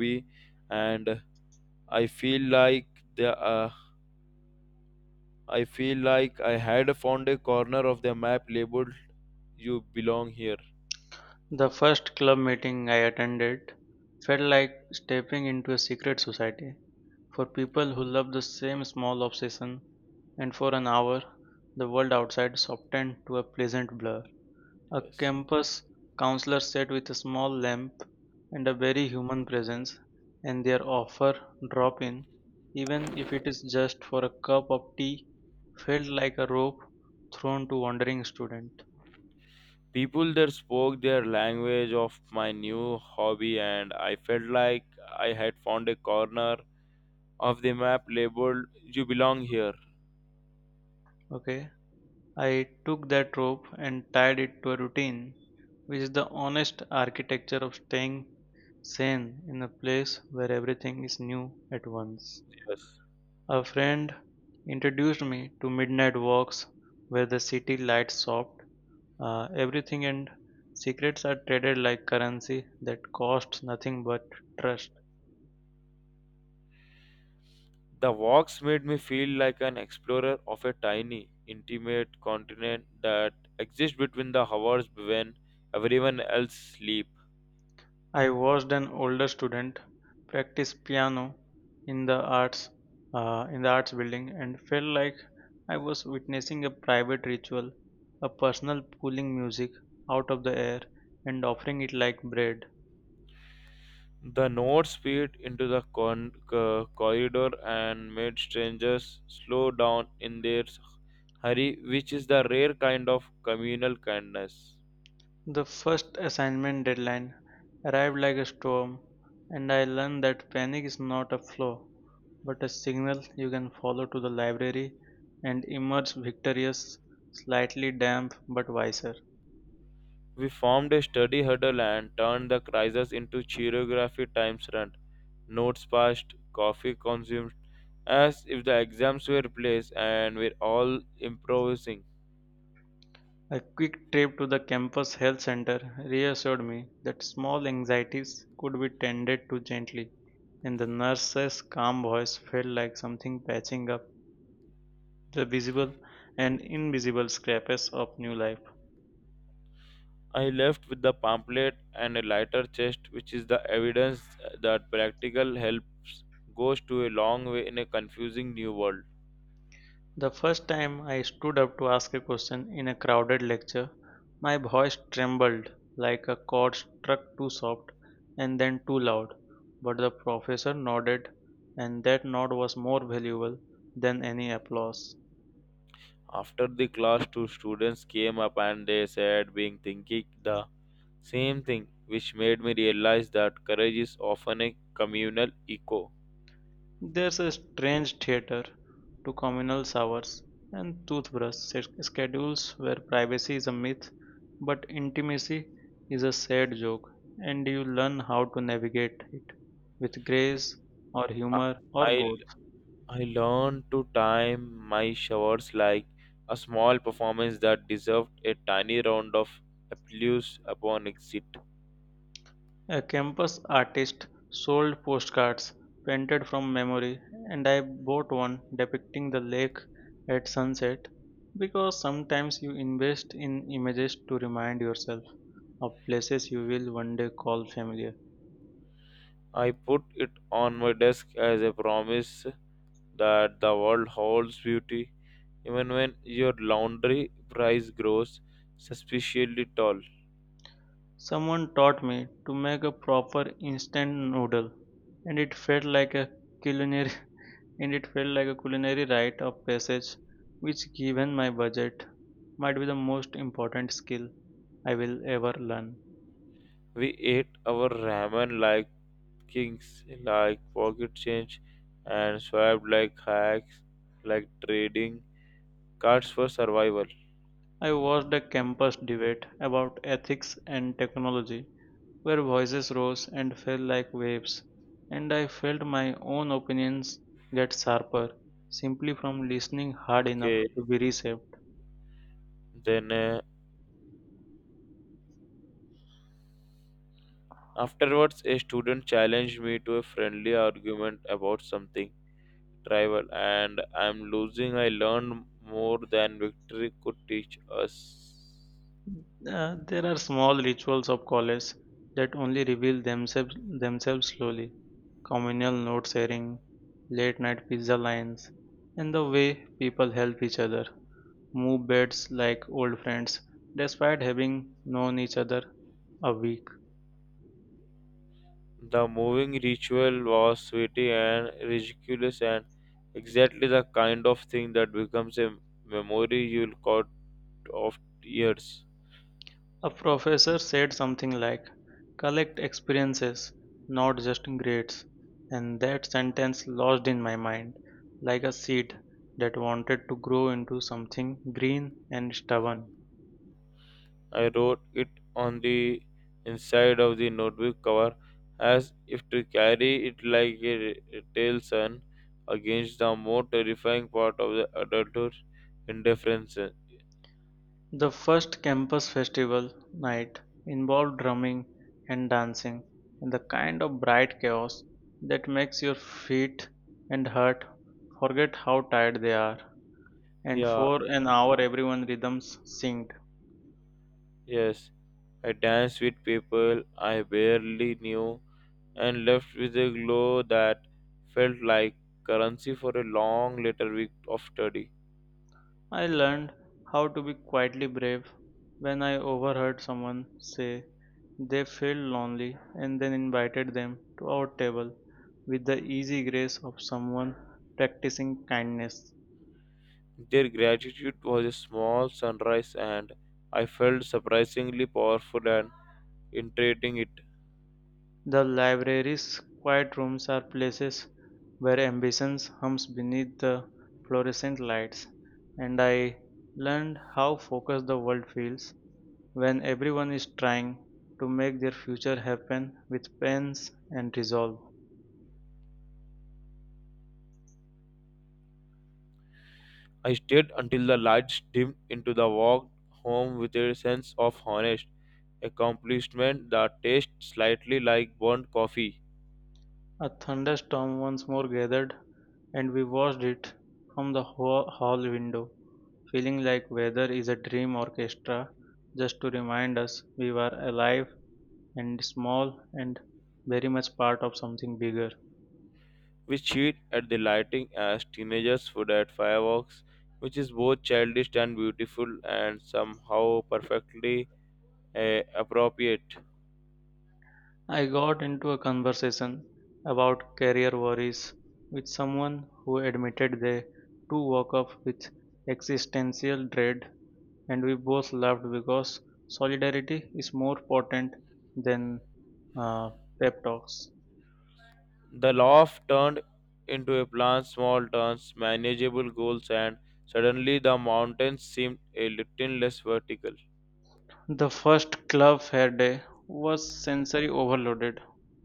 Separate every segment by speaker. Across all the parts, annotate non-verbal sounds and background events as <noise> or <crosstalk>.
Speaker 1: Movie, and I feel like the I feel like I had found a corner of the map labeled "You belong here."
Speaker 2: The first club meeting I attended felt like stepping into a secret society for people who love the same small obsession, and for an hour, the world outside softened to a pleasant blur. A
Speaker 1: Yes.
Speaker 2: campus counselor sat with a small lamp and a very human presence, and their offer drop in, even if it is just for a cup of tea, felt like a rope thrown to wandering student.
Speaker 1: People there spoke their language of my new hobby, and I felt like I had found a corner of the map labeled "You belong here."
Speaker 2: Okay. I took that rope and tied it to a routine, which is the honest architecture of staying sane in a place where everything is new at once.
Speaker 1: Yes.
Speaker 2: A friend introduced me to midnight walks where the city lights soft, everything and secrets are traded like currency that costs nothing but trust.
Speaker 1: The walks made me feel like an explorer of a tiny, intimate continent that exists between the hours when everyone else sleep.
Speaker 2: I watched an older student practice piano in the arts in the arts building and felt like I was witnessing a private ritual, a personal pulling music out of the air and offering it like bread.
Speaker 1: The notes speed into the corridor and made strangers slow down in their hurry, which is the rare kind of communal kindness.
Speaker 2: The first assignment deadline arrived like a storm, and I learned that panic is not a flaw but a signal you can follow to the library and emerge victorious, slightly damp but wiser.
Speaker 1: We formed a study huddle and turned the crisis into choreography times run. Notes passed, coffee consumed, as if the exams were plays and we're all improvising.
Speaker 2: A quick trip to the campus health center reassured me that small anxieties could be tended to gently, and the nurse's calm voice felt like something patching up the visible and invisible scrapes of new life.
Speaker 1: I left with the pamphlet and a lighter chest, which is the evidence that practical helps goes to a long way in a confusing new world.
Speaker 2: The first time I stood up to ask a question in a crowded lecture, my voice trembled like a chord struck too soft and then too loud, but the professor nodded, and that nod was more valuable than any applause.
Speaker 1: After the class, two students came up and they said, being thinking the same thing, which made me realize that courage is often a communal echo.
Speaker 2: There's a strange theater to communal showers and toothbrush schedules where privacy is a myth but intimacy is a sad joke, and you learn how to navigate it with grace or
Speaker 1: I,
Speaker 2: humor or
Speaker 1: I
Speaker 2: both.
Speaker 1: I learned to time my showers like a small performance that deserved a tiny round of applause upon exit.
Speaker 2: A campus artist sold postcards painted from memory, and I bought one depicting the lake at sunset because sometimes you invest in images to remind yourself of places you will one day call familiar.
Speaker 1: I put it on my desk as a promise that the world holds beauty even when your laundry price grows suspiciously tall.
Speaker 2: Someone taught me to make a proper instant noodle, and it felt like a culinary <laughs> and it felt like a culinary rite of passage, which, given my budget, might be the most important skill I will ever learn.
Speaker 1: We ate our ramen like kings, like pocket change, and swiped like hacks, like trading cards for survival.
Speaker 2: I watched a campus debate about ethics and technology, where voices rose and fell like waves, and I felt my own opinions get sharper simply from listening hard enough
Speaker 1: Okay,
Speaker 2: to be reshaped.
Speaker 1: then afterwards, a student challenged me to a friendly argument about something travel and I'm losing. I learned more than victory could teach us.
Speaker 2: There are small rituals of college that only reveal themselves slowly. Communal note sharing, late night pizza lines, and the way people help each other. Move beds like old friends, despite having known each other a week.
Speaker 1: The moving ritual was sweaty and ridiculous, and exactly the kind of thing that becomes a memory you'll caught of years.
Speaker 2: A professor said something like, collect experiences, not just grades, and that sentence lodged in my mind like a seed that wanted to grow into something green and stubborn.
Speaker 1: I wrote it on the inside of the notebook cover as if to carry it like a against the more terrifying part of the adulthood indifference.
Speaker 2: The first campus festival night involved drumming and dancing and the kind of bright chaos that makes your feet and heart forget how tired they are. And
Speaker 1: Yeah,
Speaker 2: for an hour, everyone's rhythms synced.
Speaker 1: yes, I danced with people I barely knew and left with a glow that felt like currency for a long later week of study.
Speaker 2: I learned how to be quietly brave when I overheard someone say they felt lonely and then invited them to our table with the easy grace of someone practicing kindness.
Speaker 1: Their gratitude was a small sunrise, and I felt surprisingly powerful and integrating it.
Speaker 2: The library's quiet rooms are places where ambition hums beneath the fluorescent lights, and I learned how focused the world feels when everyone is trying to make their future happen with pens and resolve.
Speaker 1: I stayed until the lights dimmed into the walk home with a sense of honest accomplishment that tastes slightly like burnt coffee.
Speaker 2: A thunderstorm once more gathered, and we watched it from the hall window, feeling like weather is a dream orchestra just to remind us we were alive and small and very much part of something bigger.
Speaker 1: We cheat at the lighting as teenagers would at fireworks, which is both childish and beautiful and somehow perfectly appropriate.
Speaker 2: I got into a conversation about career worries with someone who admitted they too woke up with existential dread, and we both laughed because solidarity is more potent than uh, pep talks.
Speaker 1: The loft turned into a plan, small turns, manageable goals, and suddenly the mountains seemed a little less vertical.
Speaker 2: The first club fair day was sensory overloaded.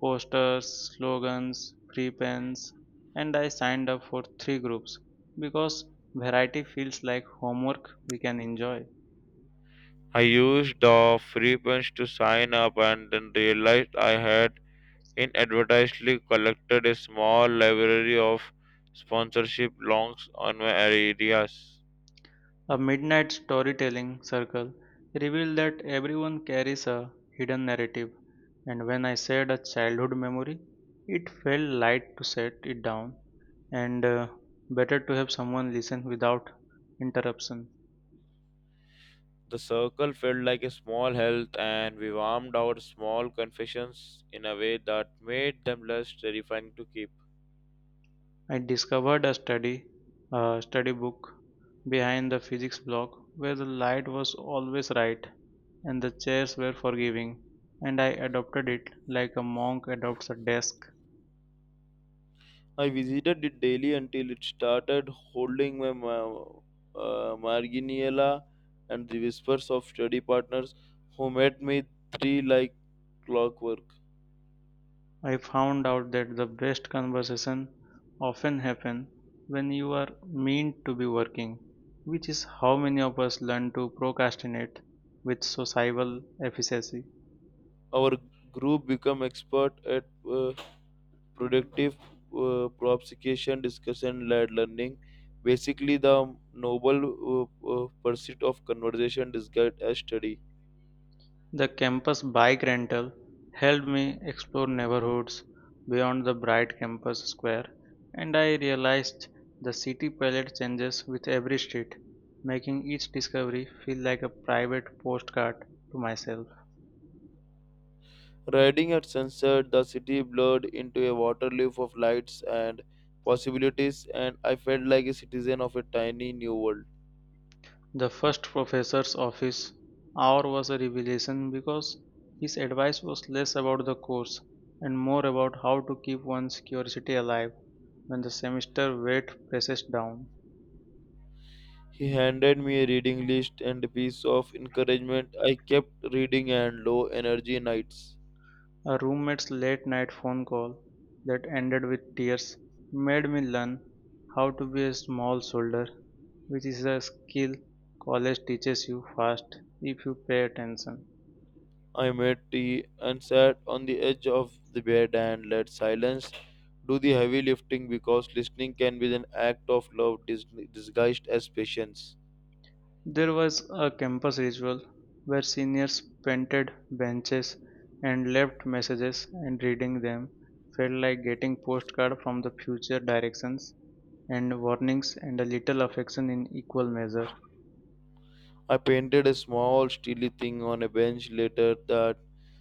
Speaker 2: Posters, slogans, free pens, and I signed up for three groups because variety feels like homework we can enjoy.
Speaker 1: I used the free punch to sign up and then realized I had inadvertently collected a small library of sponsorship longs on my areas.
Speaker 2: A midnight storytelling circle revealed that everyone carries a hidden narrative, and when I said a childhood memory, it felt light to set it down and better to have someone listen without interruption.
Speaker 1: The circle felt like a small health, and we warmed our small confessions in a way that made them less terrifying to keep.
Speaker 2: I discovered a study book behind the physics block where the light was always right and the chairs were forgiving, and I adopted it like a monk adopts a desk.
Speaker 1: I visited it daily until it started holding my marginalia and the whispers of study partners who met me three like clockwork.
Speaker 2: I found out that the best conversation often happen when you are meant to be working, which is how many of us learn to procrastinate with societal efficiency.
Speaker 1: Our group became expert at productive prosecution discussion led learning, basically the noble pursuit of conversation disguised as study.
Speaker 2: The campus bike rental helped me explore neighborhoods beyond the bright campus square, and I realized the city palette changes with every street, making each discovery feel like a private postcard to myself.
Speaker 1: Riding at sunset, the city blurred into a waterleaf of lights and possibilities, and I felt like a citizen of a tiny new world.
Speaker 2: The first professor's office hour was a revelation because his advice was less about the course and more about how to keep one's curiosity alive when the semester weight presses down.
Speaker 1: He handed me a reading list and a piece of encouragement I kept reading and low energy nights.
Speaker 2: A roommate's late night phone call that ended with tears made me learn how to be a small soldier, which is a skill college teaches you fast if you pay attention.
Speaker 1: I made tea and sat on the edge of the bed and let silence do the heavy lifting because listening can be an act of love disguised as patience.
Speaker 2: There was a campus ritual where seniors painted benches and left messages, and reading them felt like getting postcards from the future directions and warnings and a little affection in equal measure.
Speaker 1: I painted a small steely thing on a bench later that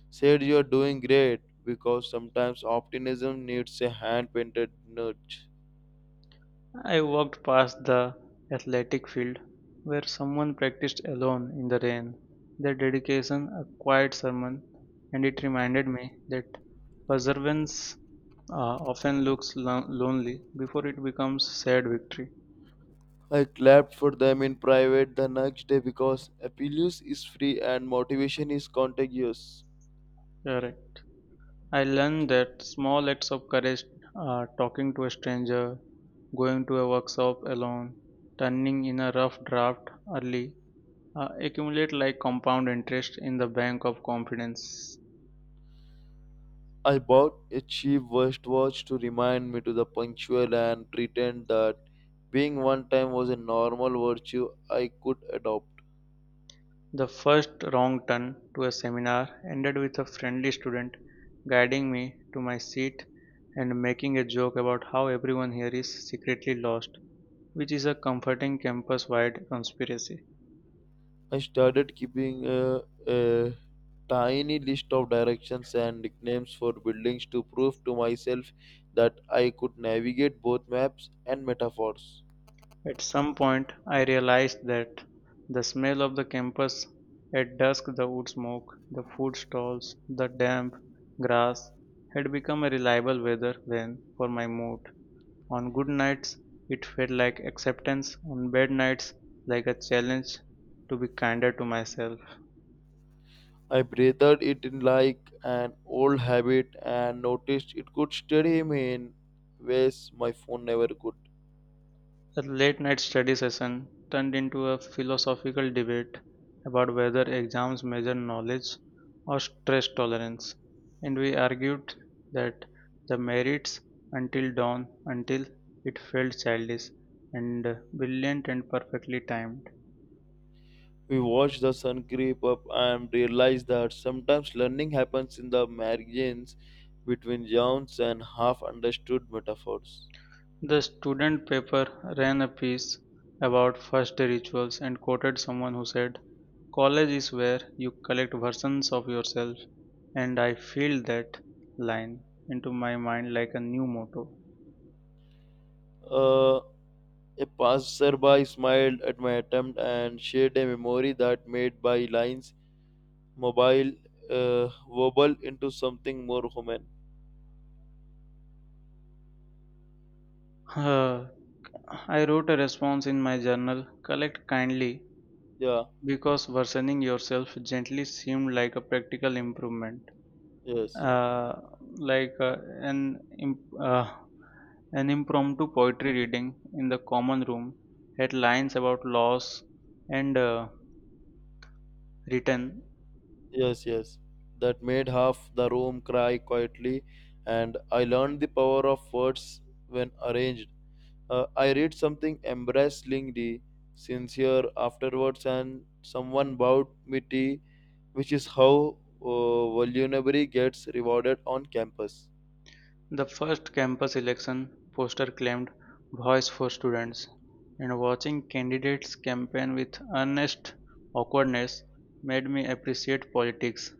Speaker 1: said you are doing great because sometimes optimism needs a hand painted nudge.
Speaker 2: I walked past the athletic field where someone practiced alone in the rain. Their dedication, a quiet sermon, and it reminded me that perseverance uh, often looks lonely before it becomes sad victory.
Speaker 1: I clapped for them in private the next day because Apelius is free and motivation is contagious.
Speaker 2: Correct. I learned that small acts of courage are talking to a stranger, going to a workshop alone, turning in a rough draft early, accumulate like compound interest in the bank of confidence.
Speaker 1: I bought a cheap wristwatch to remind me to the punctual and pretend that being on time was a normal virtue I could adopt.
Speaker 2: The first wrong turn to a seminar ended with a friendly student guiding me to my seat and making a joke about how everyone here is secretly lost, which is a comforting campus wide conspiracy.
Speaker 1: I started keeping a tiny list of directions and nicknames for buildings to prove to myself that I could navigate both maps and metaphors.
Speaker 2: At some point, I realized that the smell of the campus at dusk, the wood smoke, the food stalls, the damp grass, had become a reliable weather vane for my mood. On good nights, it felt like acceptance; on bad nights, like a challenge to be kinder to myself.
Speaker 1: I breathed it in like an old habit and noticed it could steady me in ways my phone never could.
Speaker 2: A late night study session turned into a philosophical debate about whether exams measure knowledge or stress tolerance, and we argued that the merits until dawn, until it felt childish and brilliant and perfectly timed.
Speaker 1: We watch the sun creep up and realize that sometimes learning happens in the margins between yawns and half understood metaphors.
Speaker 2: The student paper ran a piece about first-day rituals and quoted someone who said, "College is where you collect versions of yourself," and I filled that line into my mind like a new motto.
Speaker 1: Uh, a passerby smiled at my attempt and shared a memory that made my lines mobile, wobble into something more human.
Speaker 2: <sighs> I wrote a response in my journal, "Collect kindly,"
Speaker 1: Yeah,
Speaker 2: because versioning yourself gently seemed like a practical improvement.
Speaker 1: yes,
Speaker 2: uh, like an imp- uh, an impromptu poetry reading in the common room had lines about loss and return.
Speaker 1: yes, yes. That made half the room cry quietly, and I learned the power of words when arranged. I read something embarrassingly sincere afterwards, and someone bought me tea, which is how vulnerability gets rewarded on campus.
Speaker 2: The first campus election poster claimed voice for students, and watching candidates campaign with earnest awkwardness made me appreciate politics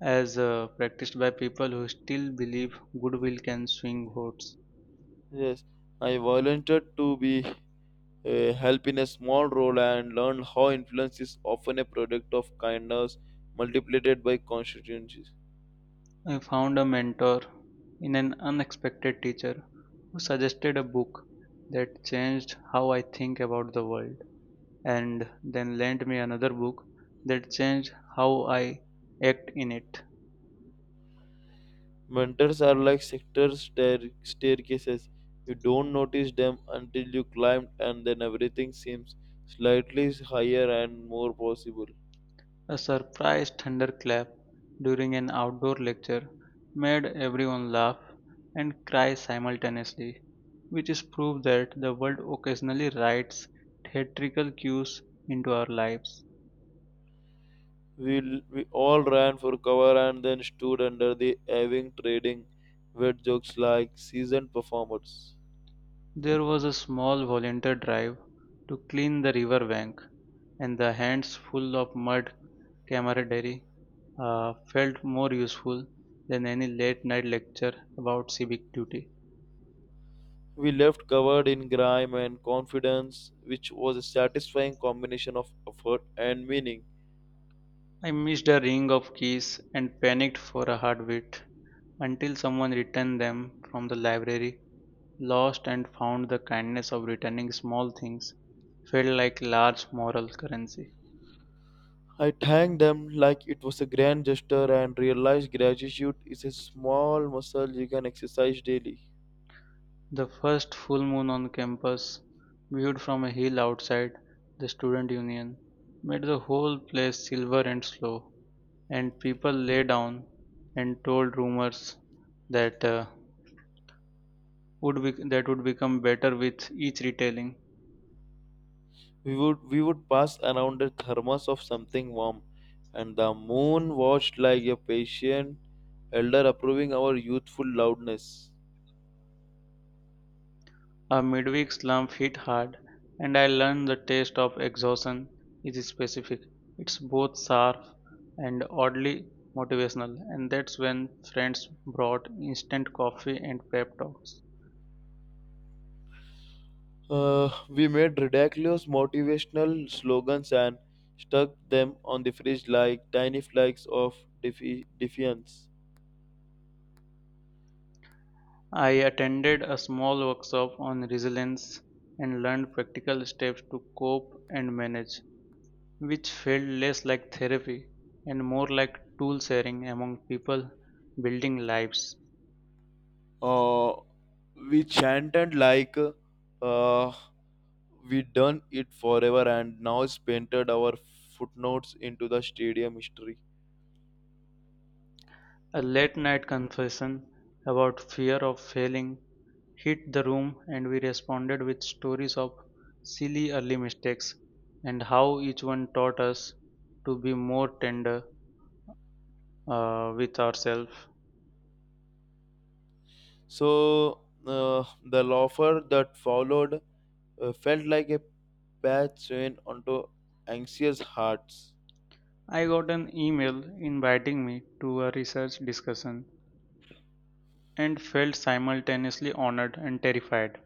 Speaker 2: as practiced by people who still believe goodwill can swing votes.
Speaker 1: Yes, I volunteered to be help in a small role and learned how influence is often a product of kindness multiplied by constituencies.
Speaker 2: I found a mentor in an unexpected teacher who suggested a book that changed how I think about the world, and then lent me another book that changed how I act in it.
Speaker 1: Mentors are like sector staircases. You don't notice them until you climb, and then everything seems slightly higher and more possible.
Speaker 2: A surprise thunderclap during an outdoor lecture made everyone laugh and cry simultaneously, which is proof that the world occasionally writes theatrical cues into our lives.
Speaker 1: We all ran for cover and then stood under the aving trading wet jokes like seasoned performers.
Speaker 2: There was a small volunteer drive to clean the river bank, and the hands full of mud camaraderie felt more useful than any late night lecture about civic duty.
Speaker 1: We left covered in grime and confidence, which was a satisfying combination of effort and meaning.
Speaker 2: I missed a ring of keys and panicked for a heartbeat until someone returned them from the library; lost and found, the kindness of returning small things felt like large moral currency.
Speaker 1: I thanked them like it was a grand gesture and realized gratitude is a small muscle you can exercise daily.
Speaker 2: The first full moon on campus, viewed from a hill outside the student union, made the whole place silver and slow, and people lay down and told rumors that that would become better with each retelling.
Speaker 1: We would pass around a thermos of something warm, and the moon watched like a patient elder approving our youthful loudness.
Speaker 2: A midweek slump hit hard, and I learned the taste of exhaustion is specific. It's both sharp and oddly motivational, and that's when friends brought instant coffee and pep talks.
Speaker 1: We made ridiculous motivational slogans and stuck them on the fridge like tiny flags of defiance.
Speaker 2: I attended a small workshop on resilience and learned practical steps to cope and manage, which felt less like therapy and more like tool sharing among people building lives.
Speaker 1: uh, we chanted like uh, we done it forever, and now it's painted our footnotes into the stadium history.
Speaker 2: A late night confession about fear of failing hit the room, and we responded with stories of silly early mistakes and how each one taught us to be more tender with ourselves.
Speaker 1: So the laughter that followed felt like a patch chain onto anxious hearts.
Speaker 2: I got an email inviting me to a research discussion and felt simultaneously honored and terrified.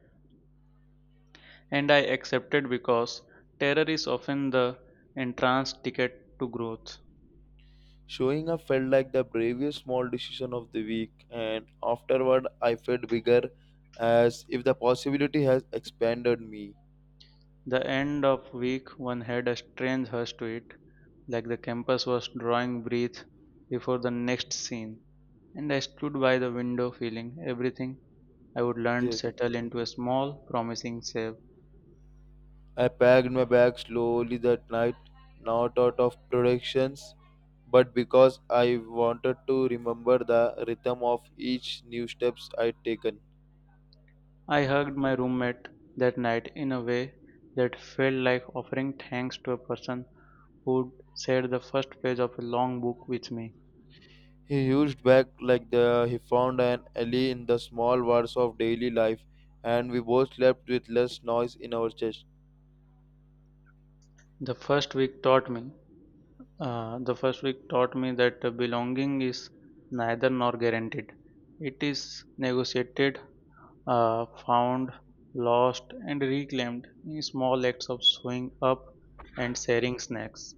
Speaker 2: And I accepted because terror is often the entrance ticket to growth.
Speaker 1: Showing up felt like the bravest small decision of the week, and afterward I felt bigger, as if the possibility has expanded me.
Speaker 2: The end of week one had a strange hush to it, like the campus was drawing breath before the next scene. And I stood by the window feeling everything I would learn
Speaker 1: Yes,
Speaker 2: settle into a small, promising safe.
Speaker 1: I packed my bag slowly that night, not out of productions, but because I wanted to remember the rhythm of each new steps I'd taken.
Speaker 2: I hugged my roommate that night in a way that felt like offering thanks to a person who'd shared the first page of a long book with me.
Speaker 1: He used back like the he found an alley in the small wars of daily life, and we both slept with less noise in our chest.
Speaker 2: The first week taught me that belonging is neither nor guaranteed. It is negotiated, found, lost, and reclaimed in small acts of showing up and sharing snacks.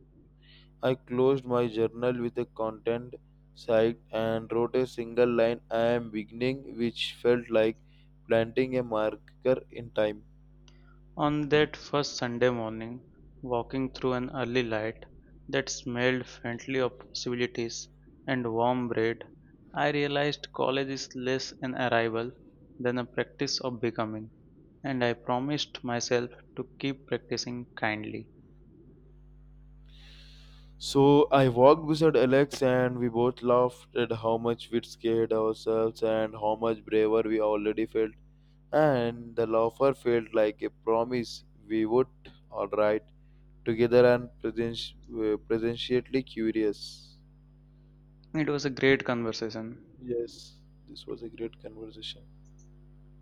Speaker 1: I closed my journal with a content sight and wrote a single line I am beginning, which felt like planting a marker in time.
Speaker 2: On that first Sunday morning, walking through an early light that smelled faintly of possibilities and warm bread, I realized college is less an arrival than a practice of becoming, and I promised myself to keep practicing kindly.
Speaker 1: So I walked beside Alex and we both laughed at how much we'd scared ourselves and how much braver we already felt. And the laughter felt like a promise we would, alright, together and presciently curious.
Speaker 2: It was a great conversation.
Speaker 1: Yes, this was a great conversation.